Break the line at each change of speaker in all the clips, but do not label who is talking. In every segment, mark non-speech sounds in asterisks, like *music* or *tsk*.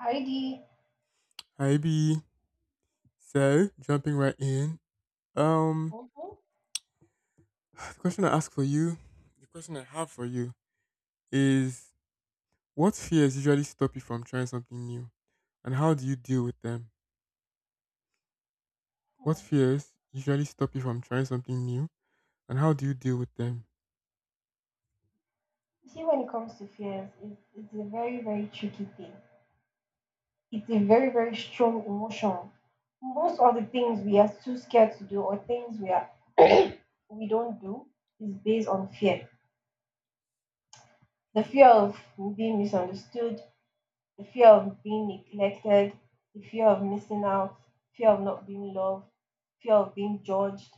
Heidi,
Hi B. So jumping right in. Um
hmm hmm,
*sighs* the question I ask for you, the question I have for you is what fears usually stop you from trying something new? And how do you deal with them? What fears usually stop you from trying something new? And how do you deal with them?
you see, when it comes to fears, it's a very, very tricky thing. It's a very, very strong emotion. Most of the things we are too scared to do or things we are we don't do is based on fear. The
Mm.
fear of being misunderstood, the fear of being neglected, the fear of missing out, fear of not being loved, fear of being judged,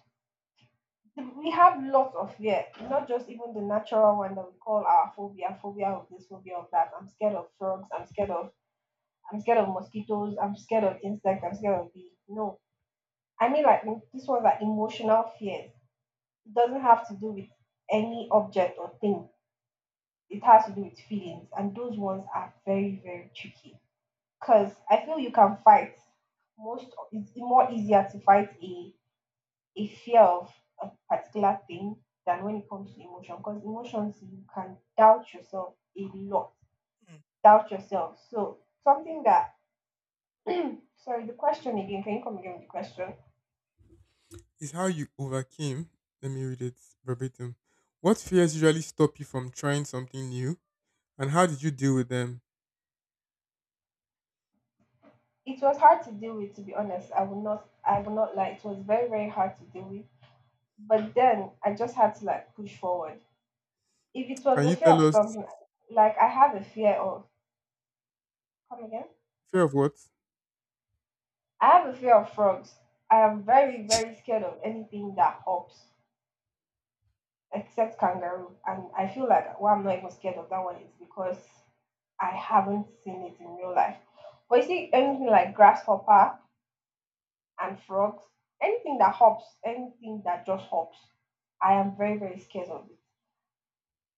we have lots of fear, not just even the natural one that we call our phobia, phobia of this, phobia of that. I'm scared of frogs. I'm scared of mosquitoes. I'm scared of insects. I'm scared of bee. No, I mean like these ones are emotional fears. It doesn't have to do with any object or thing. It has to do with feelings, and those ones are very very tricky. Cause I feel you can fight most. It's more easier to fight a fear of a particular thing than when it comes to emotion because emotions you can doubt yourself a lot
Mm.
doubt yourself so something that sorry, the question again, can you come again with the question?
Is how you overcame. Let me read it verbatim. What fears usually stop you from trying something new? And how did you deal with them?
It was hard to deal with, to be honest. I will not lie. It was very, very hard to deal with, but then I just had to like push forward if it was
Can
a
you
fear
tell
of
us
something, like I have a fear of come again.
fear of what?
I have a fear of frogs. I am very, very scared of anything that hops, except kangaroo. And I feel like why I'm not even scared of that one is because I haven't seen it in real life. But you see, anything like grasshopper and frogs, anything that hops, anything that just hops, I am very, very scared of it.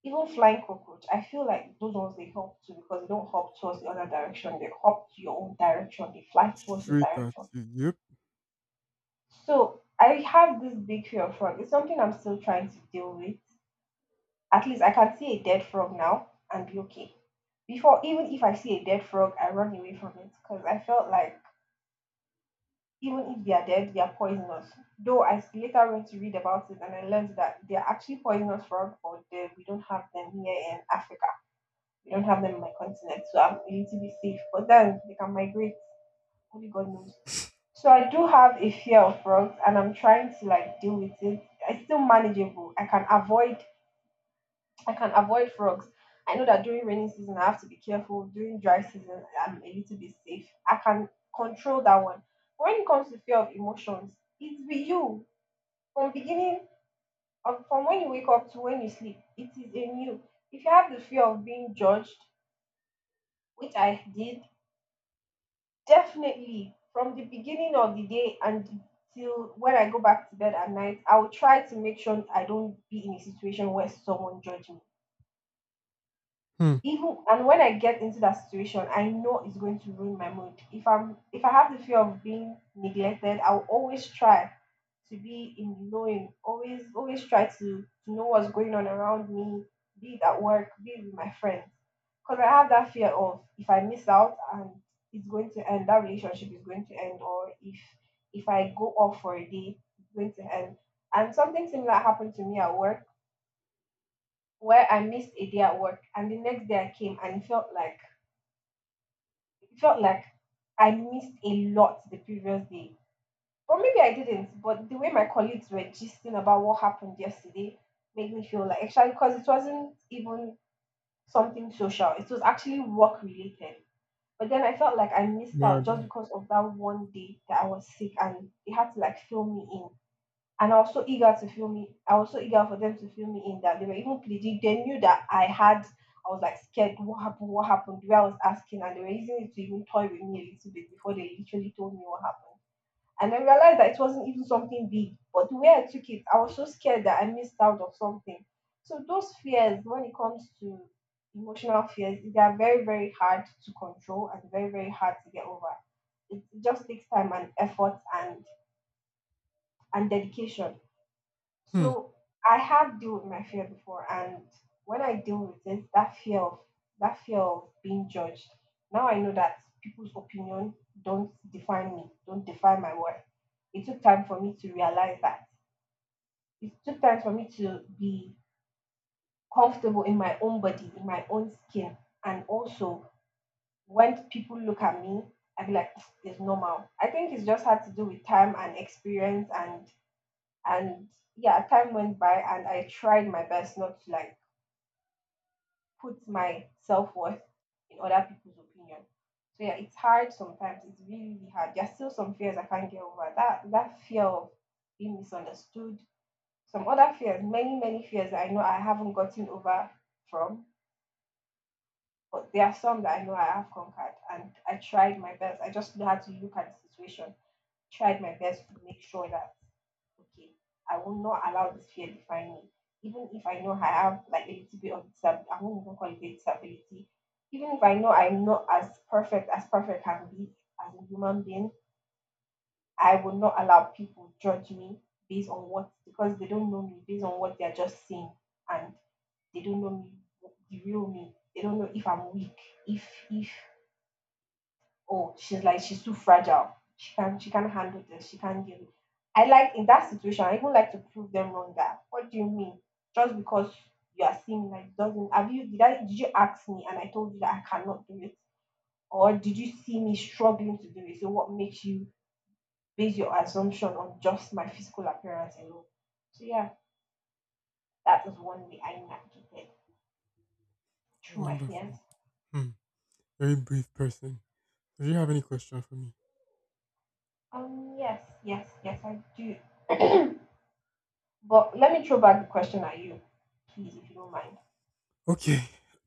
Even flying cockroach, I feel like those ones they hop too because they don't hop towards the other direction. They hop to your own direction. They fly towards your
Straight at
direction.
you. Yep.
So I have this big fear of frog. It's something I'm still trying to deal with. At least I can see a dead frog now and be okay. Before, even if I see a dead frog, I run away from it because I felt like even if they are dead, they are poisonous. Though I later went to read about it, and I learned that they are actually poisonous frogs, but they, we don't have them here in Africa. We don't have them in my continent, so I'm a little bit safe, but then they can migrate. Only God knows. So I do have a fear of frogs, and I'm trying to like deal with it. It's still manageable. I can avoid frogs. I know that during rainy season I have to be careful. During dry season I'm a little bit safe. I can control that one. When it comes to fear of emotions, it's with you from beginning of from when you wake up to when you sleep. It is in you. If you have the fear of being judged, which I did, definitely from the beginning of the day and till when I go back to bed at night, I will try to make sure I don't be in a situation where someone judges me.
Hmm.
Even and when I get into that situation, I know it's going to ruin my mood. If I have the fear of being neglected, I'll always try to be in knowing, always try to know what's going on around me, be it at work, be it with my friends, because I have that fear of if I miss out, and it's going to end, that relationship is going to end. Or if I go off for a day, it's going to end. And something similar happened to me at work, where I missed a day at work and the next day I came, and it felt like I missed a lot the previous day. Or maybe I didn't, but the way my colleagues were gisting about what happened yesterday made me feel like, actually, because it wasn't even something social, it was actually work related. But then I felt like I missed out
Mad.
just
Oh.
because of that one day that I was sick and they had to like fill me in. And I was so eager to fill me. I was so eager for them to fill me in, that they were even pleading. They knew that I had. I was like scared. What happened? What happened? The way I was asking, and they were using it to even toy with me a little bit before they literally told me what happened. And I realized that it wasn't even something big, but the way I took it, I was so scared that I missed out on something. So those fears, when it comes to emotional fears, they are very, very hard to control and very, very hard to get over. It just takes time and effort and dedication,
Hmm.
so I have dealt with my fear before, and when I deal with it, that fear of being judged. Now I know that people's opinion don't define me, don't define my worth. It took time for me to realize that. It took time for me to be comfortable in my own body, in my own skin, and also when people look at me, I'd be like, *tsk* it's normal. I think it's just had to do with time and experience and yeah, time went by and I tried my best not to like put my self worth in other people's opinion. So yeah, it's hard sometimes. It's really, really hard. There's still some fears I can't get over. That fear of being misunderstood, some other fears, many, many fears that I know I haven't gotten over from. But there are some that I know I have conquered, and I tried my best. I just had to look at the situation, tried my best to make sure that okay, I will not allow this fear define me. Even if I know I have like a little bit of disability, I won't even call it a disability. Even if I know I'm not as perfect as perfect can be as a human being, I will not allow people judge me based on what, because they don't know me, based on what they're just seeing, and they don't know me, the real me. They don't know if I'm weak, if oh, she's like she's too fragile. She can handle this. She can give. It." I like in that situation, I even like to prove them wrong. That what do you mean? Just because you are seeing like doesn't have you did I did you ask me and I told you that I cannot do it, or did you see me struggling to do it? So what makes you base your assumption on just my physical appearance alone? So yeah, that was one way I navigated through my fears.
Wonderful. Hmm. Very brief person. Do you have any question for me?
Yes, yes, yes, I do. *clears throat* But let me throw back the question at you, please, if you don't mind.
Okay.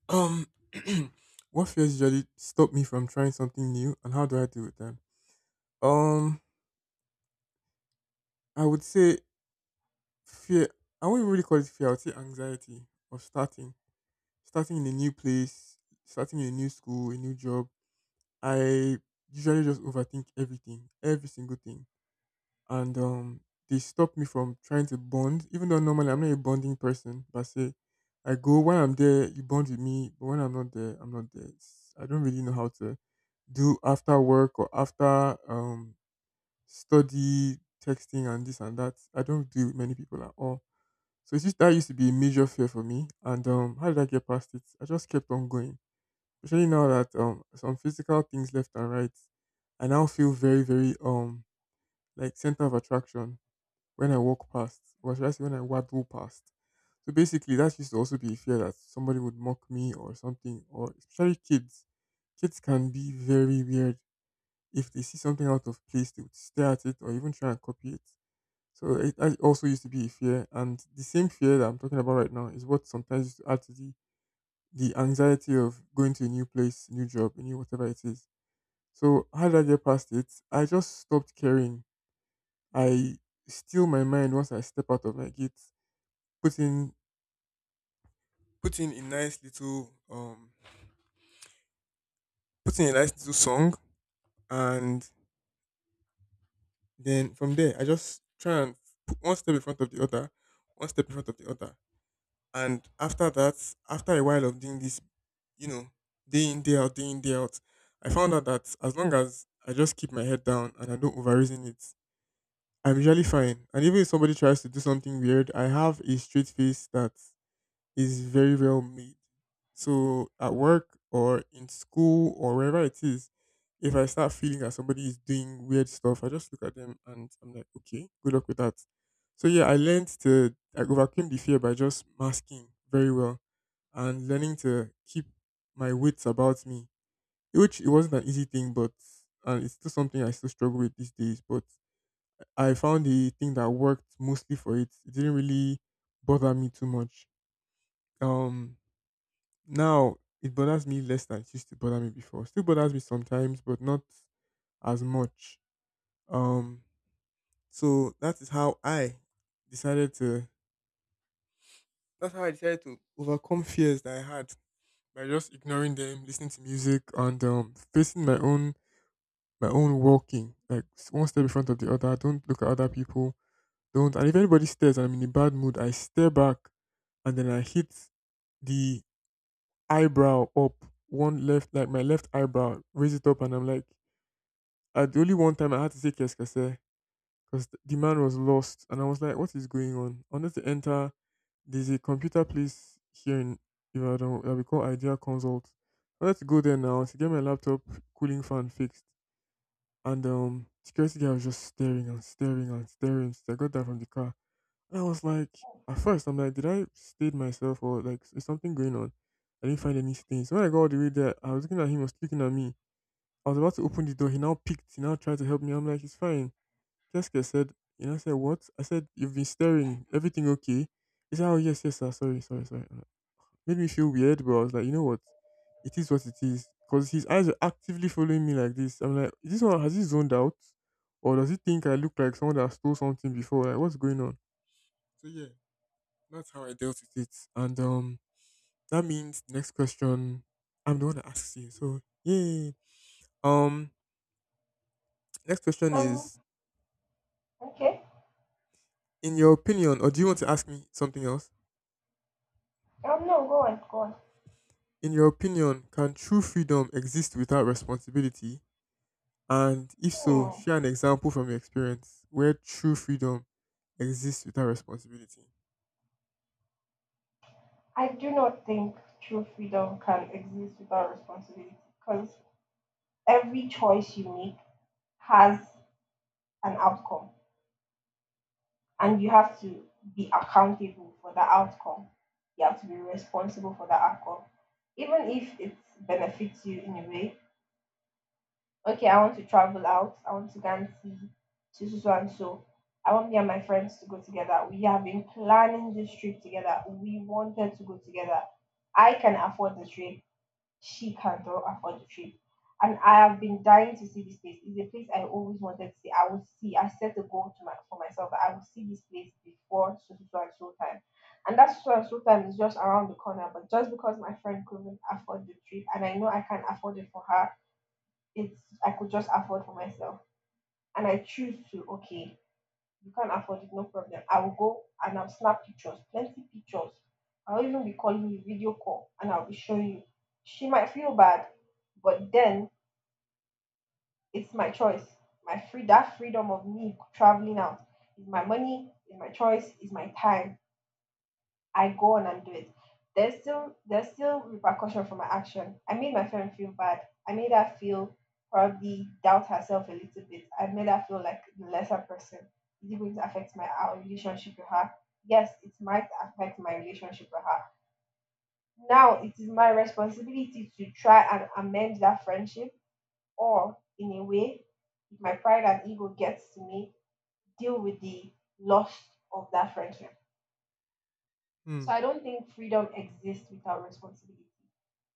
Um *clears throat* what fears usually stop me from trying something new and how do I deal with them? Um I would say fear I wouldn't really call it fear, I would say anxiety of starting. Starting in a new place, starting in a new school, a new job. I usually just overthink everything, every single thing, and they stop me from trying to bond. Even though normally I'm not a bonding person, but say I go when I'm there, you bond with me, but when I'm not there, I'm not there. It's, I don't really know how to do after work or after study texting and this and that. I don't do it with many people at all. So it's just, that used to be a major fear for me. And how did I get past it? I just kept on going especially now that some physical things left and right, I now feel very, very like center of attraction when I walk past, or should I say when I waddle past. So basically, that used to also be a fear that somebody would mock me or something, or especially kids. Kids can be very weird. If they see something out of place, they would stare at it or even try and copy it. So it that also used to be a fear, and the same fear that I'm talking about right now is what sometimes used to add to the anxiety of going to a new place, new job, a new whatever it is. So how did I get past it? I just stopped caring. I steal my mind once I step out of my gate. Put in put in a nice little um put in a nice little song and then from there I just try and put one step in front of the other, one step in front of the other. And after that, after a while of doing this, you know, day in, day out, day in, day out, I found out that as long as I just keep my head down and I don't overreason it, I'm usually fine. And even if somebody tries to do something weird, I have a straight face that is very well made. So at work or in school or wherever it is, if I start feeling that somebody is doing weird stuff, I just look at them and I'm like, okay, good luck with that. So yeah, I learned to I overcame the fear by just masking very well and learning to keep my wits about me, which it wasn't an easy thing, but and it's still something I still struggle with these days. But I found the thing that worked mostly for it. It didn't really bother me too much. Um, now it bothers me less than it used to bother me before. Still bothers me sometimes, but not as much. Um, so that is how I decided to. That's how I decided to overcome fears that I had by just ignoring them, listening to music, and facing my own walking, like one step in front of the other. Don't look at other people. Don't. And if anybody stares and I'm in a bad mood, I stare back and then I hit the eyebrow up, one left, like my left eyebrow, raise it up, and I'm like, the only one time I had to say Keskase because the man was lost, and I was like, what is going on? I wanted to enter, there's a computer place here in Ibadan that we call Idea Consult. I wanted to go there now to get my laptop cooling fan fixed, and security guy was just staring and staring and staring. So I got that from the car. And I was like, at first, I'm like, did I stain myself or like is something going on? I didn't find any stains. So when I got all the way there, I was looking at him, he was looking at me. I was about to open the door. He now picked. He now tried to help me. I'm like, it's fine. Keske said, you know, I said, what? I said, you've been staring. Everything okay? He said, oh, yes, yes, sir. Sorry, sorry, sorry. Made me feel weird, but I was like, you know what? It is what it is. Because his eyes were actively following me like this. I'm like, is this one, has he zoned out? Or does he think I look like someone that stole something before? Like, what's going on? So, yeah. That's how I dealt with it. And that means next question I'm the one that asks you. So yay. Um next question
Um,
is
okay.
in your opinion, or do you want to ask me something else?
No, go on, go on.
In your opinion, can true freedom exist without responsibility? And if so,
Hmm.
share an example from your experience where true freedom exists without responsibility.
I do not think true freedom can exist without responsibility because every choice you make has an outcome,
Hmm.
and you have to be accountable for the outcome. You have to be responsible for the outcome. Even if it benefits you in a way, okay, I want to travel out. I want to go and see to so so and so. I want me and my friends to go together. We have been planning this trip together. We wanted to go together. I can afford the trip. She cannot afford the trip. And I have been dying to see this place. It's a place I always wanted to see. I will see. I set a goal to my, for myself, that I will see this place before so so so and so time. And that so so and so time is just around the corner. But just because my friend couldn't afford the trip, and I know I can't afford it for her, it's I could just afford for myself. And I choose to, okay, you can't afford it, no problem. I will go and I'll snap pictures, plenty pictures. I'll even be calling you video call and I'll be showing you. She might feel bad, but then it's my choice. My free That freedom of me traveling out is my money, is my choice, is my time. I go on and do it. There's still repercussion for my action. I made my friend feel bad. I made her feel probably doubt herself a little bit. I made her feel like the lesser person. Is it going to affect my our relationship with her? Yes, it might affect my relationship with her. Now it is my responsibility to try and amend that friendship or, in a way, if my pride and ego gets to me, deal with the loss of that friendship.
Hmm.
So I don't think freedom exists without responsibility.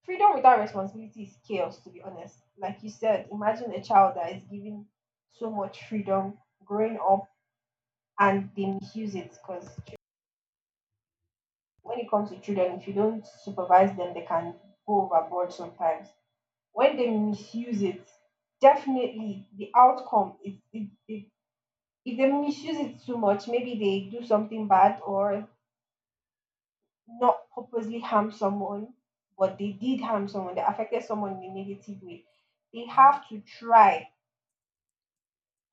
Freedom without responsibility is chaos, to be honest. Like you said, imagine a child that is given so much freedom growing up and they misuse it because when it comes to children, if you don't supervise them, they can go overboard sometimes. When they misuse it, definitely the outcome is if they misuse it too much, maybe they do something bad or not purposely harm someone, but they did harm someone. They affected someone in a negative way. They
Hmm
have to try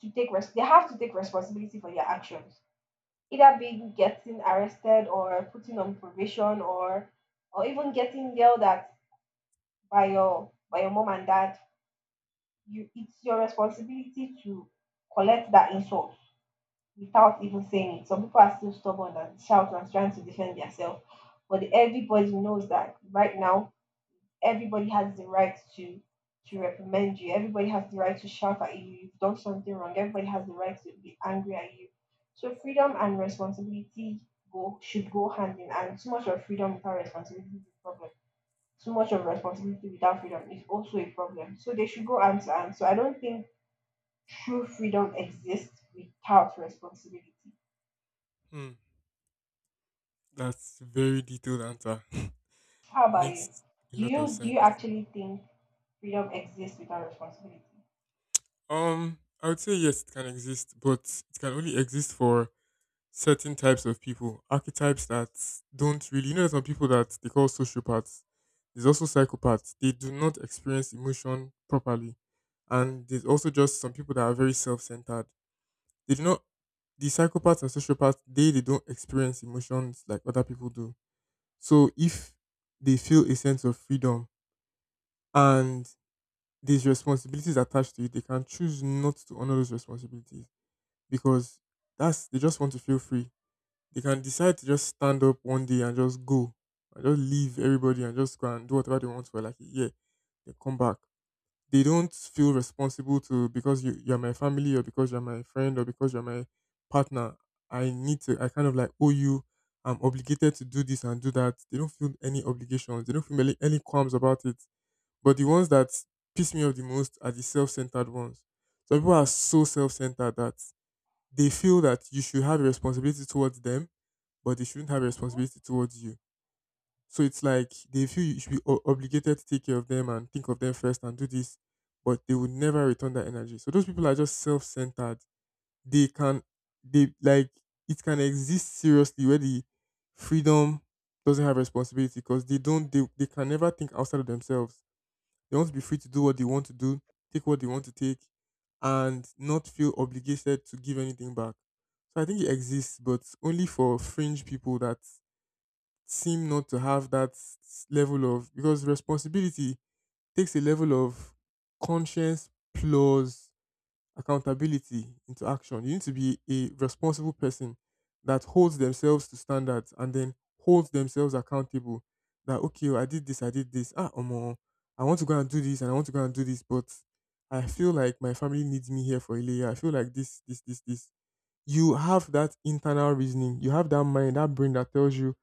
to they have to take responsibility for their actions. Either being getting arrested or putting on probation or even getting yelled at by your mom and dad. You It's your responsibility to collect that insult without even saying it. Some people are still stubborn and shout and trying to defend themselves. But everybody knows that right now everybody has the right to reprimand you. Everybody has the right to shout at you. You've done something wrong. Everybody has the right to be angry at you. So freedom and responsibility go should go hand in hand. Too much of freedom without responsibility is a problem. Too much of responsibility without freedom is also a problem. So they should go hand to hand. So I don't think true freedom exists without responsibility.
hmm. That's a very detailed answer. *laughs*
How about you?
Makes a
Do
lot of
you do you
sense.
actually think freedom exists without responsibility?
I would say yes, it can exist, but it can only exist for certain types of people, archetypes that don't really. You know, there's some people that they call sociopaths. There's also psychopaths. They do not experience emotion properly, and there's also just some people that are very self-centered. They do not. The psychopaths and sociopaths, they don't experience emotions like other people do. So if they feel a sense of freedom and there's responsibilities attached to it, they can choose not to honor those responsibilities because that's they just want to feel free. They can decide to just stand up one day and just go, and just leave everybody and just go and do whatever they want for like a year. They come back. They don't feel responsible to because you're my family or because you're my friend or because you're my partner. I need to. I kind of like owe you. I'm obligated to do this and do that. They don't feel any obligations. They don't feel any, qualms about it. But the ones that piss me off the most are the self-centered ones. Some people are so self-centered that they feel that you should have a responsibility towards them, but they shouldn't have a
Mhm,
responsibility towards you. So it's like they feel you should be obligated to take care of them and think of them first and do this, but they would never return that energy. So those people are just self-centered. They can, they like it can exist seriously where the freedom doesn't have responsibility because they don't, they can never think outside of themselves they want to be free to do what they want to do, take what they want to take, and not feel obligated to give anything back. So I think it exists, but only for fringe people that seem not to have that level of because responsibility takes a level of conscience plus accountability into action. You need to be a responsible person that holds themselves to standards and then holds themselves accountable. That okay, oh, I did this. Ah, omo, I want to go and do this, and I want to go and do this, but I feel like my family needs me here for a layer. I feel like this you have that internal reasoning, you have that mind, that brain that tells you,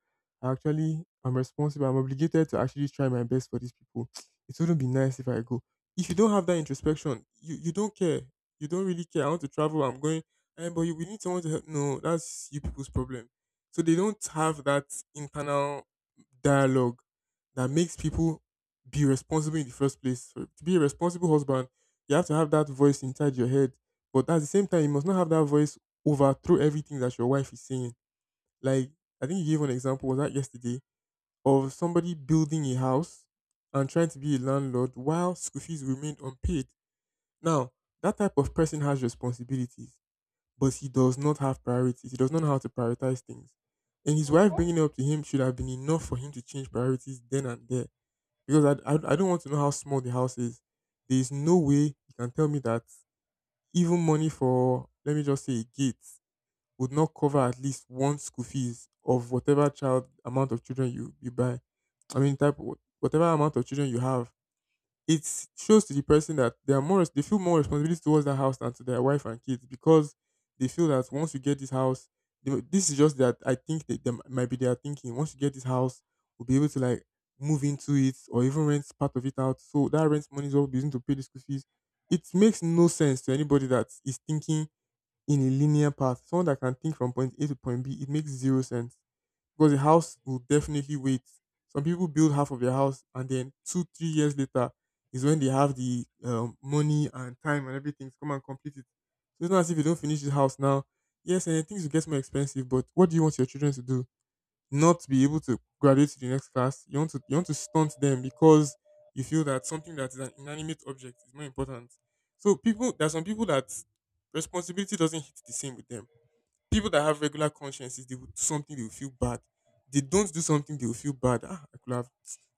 actually, I'm responsible, I'm obligated to actually try my best for these people. *tsk* It wouldn't be nice if I go. If you don't have that introspection, you don't care. You don't really care. I want to travel, I'm going, eh, but you, we need someone to help. No, that's you people's problem. So they don't have that internal dialogue that makes people be responsible in the first place. So to be a responsible husband, you have to have that voice inside your head. But at the same time, you must not have that voice overthrow everything that your wife is saying. Like I think you gave an example, was that yesterday, of somebody building a house and trying to be a landlord while school fees remained unpaid. Now, that type of person has responsibilities, but he does not have priorities. He does not know how to prioritize things. And his wife
mhm.
bringing it up to him should have been enough for him to change priorities then and there. Because I don't want to know how small the house is. There is no way you can tell me that even money for, let me just say, a gate would not cover at least one school fees of whatever child amount of children you buy. I mean, whatever amount of children you have, it shows to the person that they are they feel more responsibility towards the house than to their wife and kids because they feel that once you get this house, this is just that I think that they might be their thinking. Once you get this house, we'll be able to like move into it or even rent part of it out. So that rent money is what we'll using to pay the school fees. It makes no sense to anybody that is thinking in a linear path, someone that can think from point A to point B. It makes zero sense because a house will definitely wait. Some people build half of their house and then 2, 3 years later is when they have the money and time and everything to come and complete it. So it's not as if you don't finish the house now. Yes, and then things will get more expensive, but what do you want your children to do? Not be able to graduate to the next class. You want to stunt them because you feel that something that is an inanimate object is more important. So people there are some people that responsibility doesn't hit the same with them. People that have regular consciences, they will do something they will feel bad. They don't do something they will feel bad. Ah, I could have,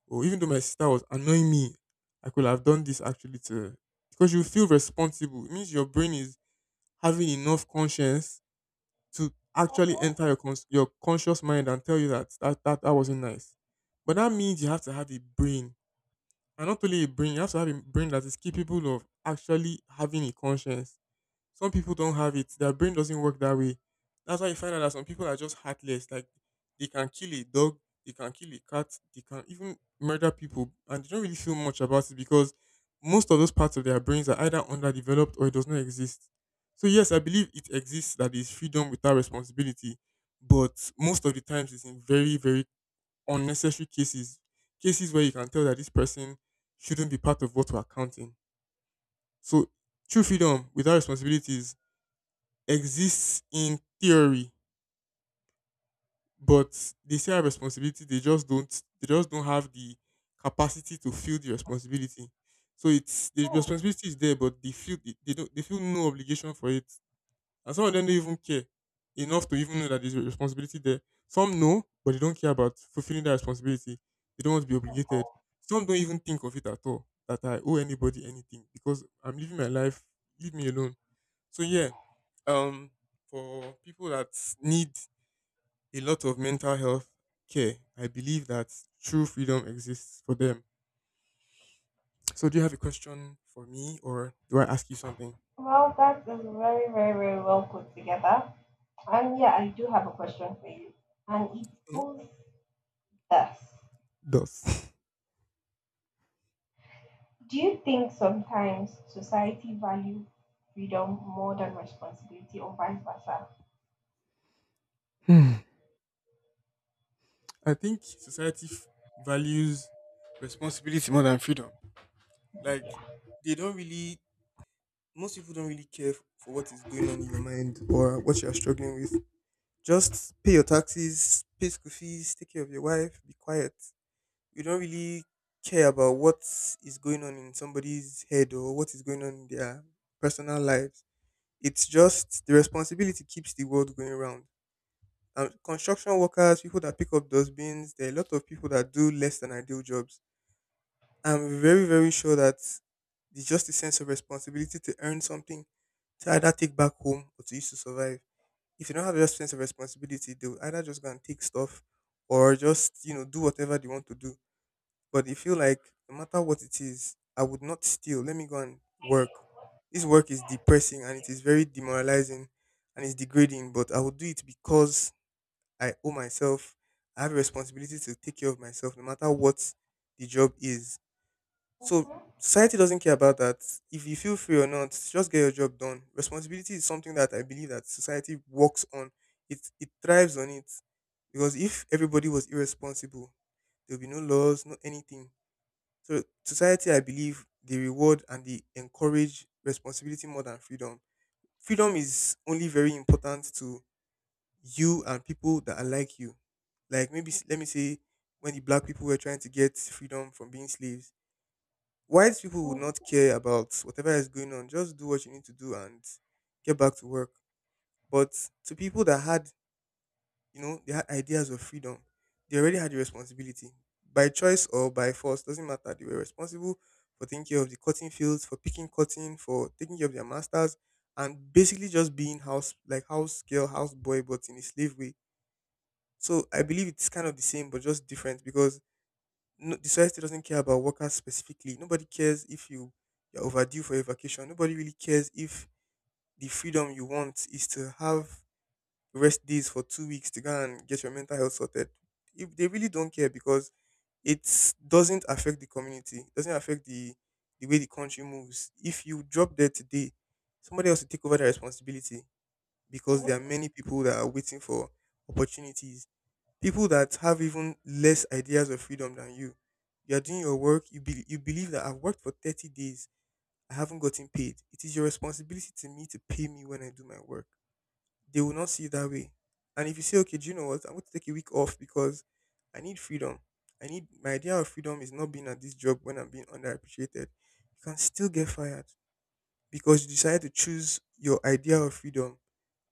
or even though my sister was annoying me, I could have done this actually to her." Because you feel responsible. It means your brain is having enough conscience to actually
Oh,
enter your conscious mind and tell you that that wasn't nice. But that means you have to have a brain, and not only a brain, you have to have a brain that is capable of actually having a conscience. Some people don't have it. Their brain doesn't work that way. That's why you find out that some people are just heartless. Like they can kill a dog, they can kill a cat, they can even murder people, and they don't really feel much about it because most of those parts of their brains are either underdeveloped or it does not exist. So yes, I believe it exists, that is freedom without responsibility, but most of the times it's in very, very unnecessary cases. Cases where you can tell that this person shouldn't be part of what we're counting. So true freedom without responsibilities exists in theory, but they still have responsibility. They just don't. They just don't have the capacity to feel the responsibility. So it's the responsibility is there, but they feel they don't. They feel no obligation for it, and some of them don't even care enough to even know that there's a responsibility there. Some know, but they don't care about fulfilling that responsibility. They don't want to be obligated.
oh.
Some don't even think of it at all that I owe anybody anything because I'm living my life. Leave me alone. So yeah, um, for people that need a lot of mental health care, I believe that true freedom exists for them. So do you have a question for me, or do I ask you something?
Well, that is very, very, very well put together. And yeah, I do have a question for you. And it
Hmm?
goes thus.
Does
Do you think sometimes society value freedom more than responsibility or vice versa?
Hmm. *laughs* I think society values responsibility more than freedom. Like they don't really, most people don't really care for what is going on in your mind or what you are struggling with. Just pay your taxes, pay school fees, take care of your wife, be quiet. We don't really care about what is going on in somebody's head or what is going on in their personal lives. It's just the responsibility keeps the world going round. And construction workers, people that pick up dustbins, there are a lot of people that do less than ideal jobs. I'm very, very sure that it's just a sense of responsibility to earn something to either take back home or to use to survive. If you don't have that sense of responsibility, they'll either just go and take stuff or just, do whatever they want to do. But you feel like no matter what it is, I would not steal. Let me go and work. This work is depressing and it is very demoralizing and it's degrading, but I will do it because I owe myself. I have a responsibility to take care of myself no matter what the job is. So
Mm-hmm.
society doesn't care about that. If you feel free or not, just get your job done. Responsibility is something that I believe that society works on. It thrives on it. Because if everybody was irresponsible, there will be no laws, no anything. So society, I believe, they reward and they encourage responsibility more than freedom. Freedom is only very important to you and people that are like you. Like maybe let me say when the black people were trying to get freedom from being slaves, white people would not care about whatever is going on. Just do what you need to do and get back to work. But to people that had, they had ideas of freedom. They already had the responsibility. By choice or by force, doesn't matter. They were responsible for taking care of the cotton fields, for picking cotton, for taking care of their masters, and basically just being house, like house girl, house boy, but in a slave way. So I believe it's kind of the same, but just different because no, the society doesn't care about workers specifically. Nobody cares if you're overdue for a vacation. Nobody really cares if the freedom you want is to have rest days for 2 weeks to go and get your mental health sorted. If they really don't care because it doesn't affect the community, it doesn't affect the way the country moves. If you drop dead today, somebody else will take over the responsibility because there are
Yep.
many people that are waiting for opportunities. People that have even less ideas of freedom than you. You are doing your work. You believe that I've worked for 30 days. I haven't gotten paid. It is your responsibility to me to pay me when I do my work. They will not see it that way. And if you say, okay, do you know what? I'm going to take a week off because I need freedom. I need My idea of freedom is not being at this job when I'm being underappreciated. You can still get fired because you decided to choose your idea of freedom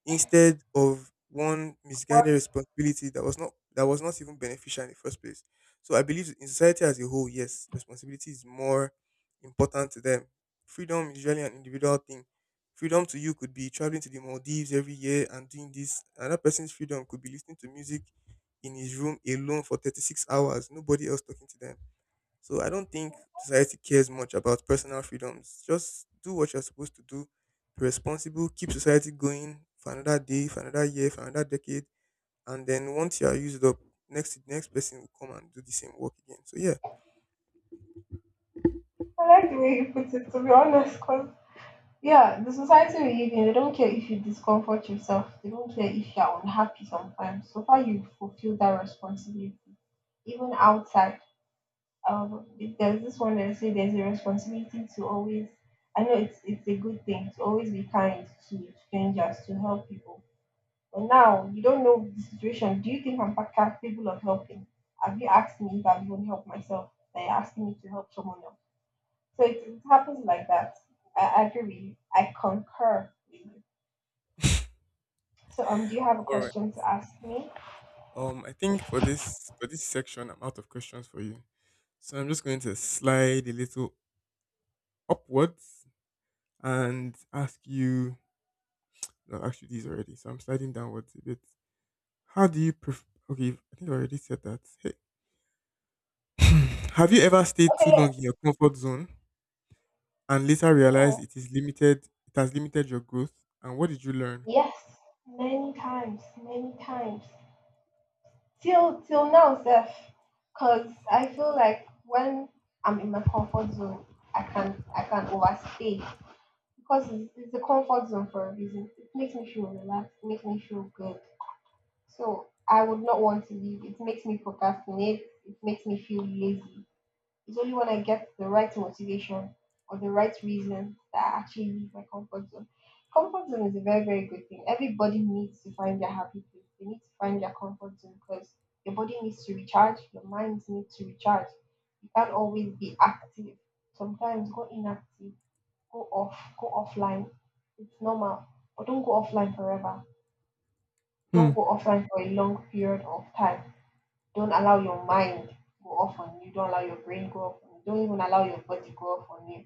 instead of one
Well,
misguided responsibility that was not even beneficial in the first place. So I believe in society as a whole, yes, responsibility is more important to them. Freedom is really an individual thing. Freedom to you could be traveling to the Maldives every year and doing this. Another person's freedom could be listening to music in his room alone for 36 hours, nobody else talking to them. So I don't think society cares much about personal freedoms. Just do what you're supposed to do. Be responsible. Keep society going for another day, for another year, for another decade. And then once you are used up, next person will come and do the same work again. So yeah.
I like the way you put it, to be honest, 'cause yeah, the society we live in. They don't care if you discomfort yourself. They don't care if you're unhappy sometimes. So far, you fulfill that responsibility. Even outside, if there's this one that say there's a responsibility to always. I know it's a good thing to always be kind to strangers, to help people. But now you don't know the situation. Do you think I'm capable of helping? Have you asked me if I've even helped myself? They're asking me to help someone else. So it happens like that. I agree with you. I concur with you. So do you have a
All right.
question to ask me?
I think for this section, I'm out of questions for you, so I'm just going to slide a little upwards and ask you. Well, actually, these already, so I'm sliding downwards a bit. How do you pref? Okay, I think I already said that. Hey. Have you ever stayed
Okay.
too
Yes.
long in your comfort zone and later
Hmm.
realized it is limited? It has limited your growth. And what did you learn?
Yes. Many times. Many times. Till till now, Seth. Cause I feel like when I'm in my comfort zone, I can overstay. Because it's a comfort zone for a reason. It makes me feel relaxed. It makes me feel good. So I would not want to leave. It makes me procrastinate. It makes me feel lazy. It's only when I get the right motivation or the right reason that I actually leave my comfort zone. Comfort zone is a very, very good thing. Everybody needs to find their happy place. They need to find their comfort zone because your body needs to recharge, your mind needs to recharge. You can't always be active. Sometimes go inactive, go off, go offline. It's normal. But don't go offline forever.
Hmm.
Don't go offline for a long period of time. Don't allow your mind go off on you, don't allow your brain go off on you, don't even allow your body go off on you.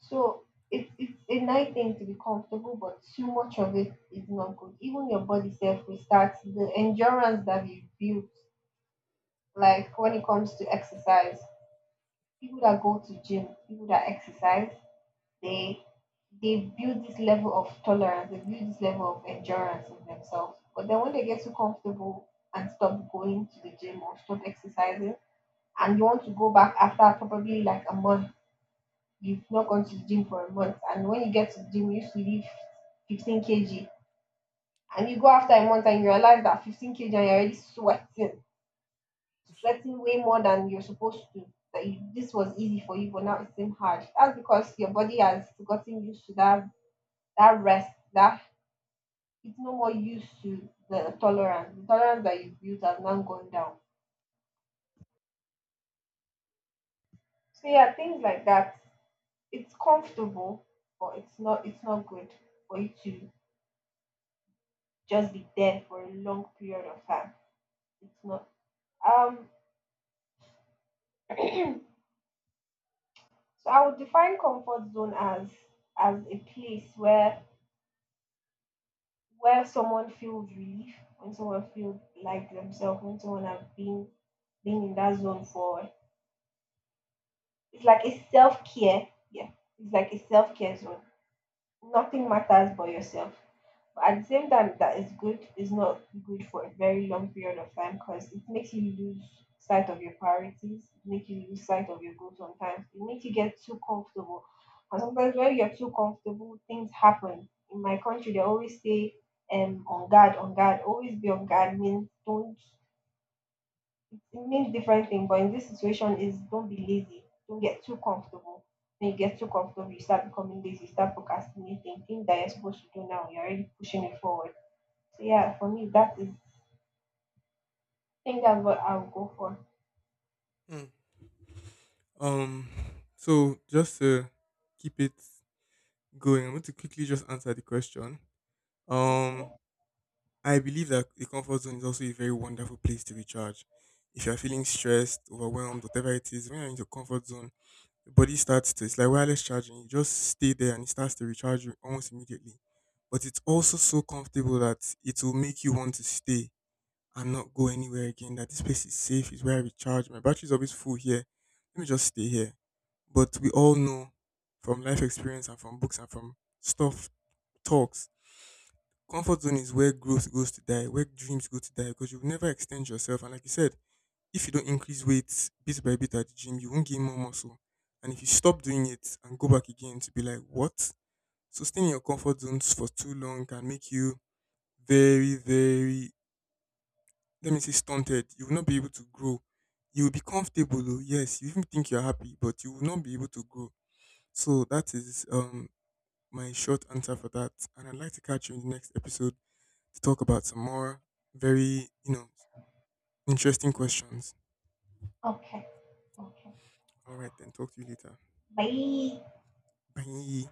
So it's a nice thing to be comfortable, but too much of it is not good. Even your body self will start the endurance that you build, like when it comes to exercise. People that go to gym, people that exercise, they they build this level of tolerance, they build this level of endurance in themselves, but then when they get too comfortable and stop going to the gym or stop exercising, and you want to go back after probably like a month. You've not gone to the gym for a month, and when you get to the gym, you used to lift 15 kg, and you go after a month and you realize that 15 kg and you're already sweating, sweating way more than you're supposed to. That you, this was easy for you, but now it seems hard. That's because your body has gotten used to that rest. That it's no more used to the tolerance. The tolerance that you built has now gone down. So yeah, things like that. It's comfortable, but it's not good for you to just be there for a long period of time. It's not. Um, *clears throat* so I would define comfort zone as a place where someone feels relief, when someone feels like themselves, when someone has been in that zone for it's like a self care. Yeah, it's like a self care zone. Nothing matters but yourself. At the same time, that is good. It's not good for a very long period of time because it makes you lose sight of your priorities, it makes you lose sight of your goals sometimes, it makes you get too comfortable. And sometimes when you're too comfortable, things happen. In my country, they always say, on guard, always be on guard means don't, it means different thing, but in this situation is don't be lazy, don't get too comfortable. When you get too comfortable, you start becoming lazy, you start procrastinating, things that you're supposed to do now, you're already pushing it forward. So yeah, for me that is I think that's what I'll go for.
Hmm. Um. So just to keep it going, I'm going to quickly just answer the question.
Okay.
Um. I believe that the comfort zone is also a very wonderful place to recharge. If you're feeling stressed, overwhelmed, whatever it is, when you're in your comfort zone, your body starts to, it's like wireless charging. You just stay there and it starts to recharge you almost immediately. But it's also so comfortable that it will make you want to stay and not go anywhere again. That this place is safe, is where I recharge. My battery's always full here. Let me just stay here. But we all know from life experience and from books and from stuff, talks, comfort zone is where growth goes to die, where dreams go to die because you'll never extend yourself. And like you said, if you don't increase weight bit by bit at the gym, you won't gain more muscle. And if you stop doing it and go back again to be like, what? So staying in your comfort zones for too long can make you very, very, let me say, stunted. You will not be able to grow. You will be comfortable, though. Yes, you even think you're happy, but you will not be able to grow. So that is my short answer for that. And I'd like to catch you in the next episode to talk about some more very, interesting questions.
Okay. Okay.
All right, then talk to you later.
Bye.
Bye.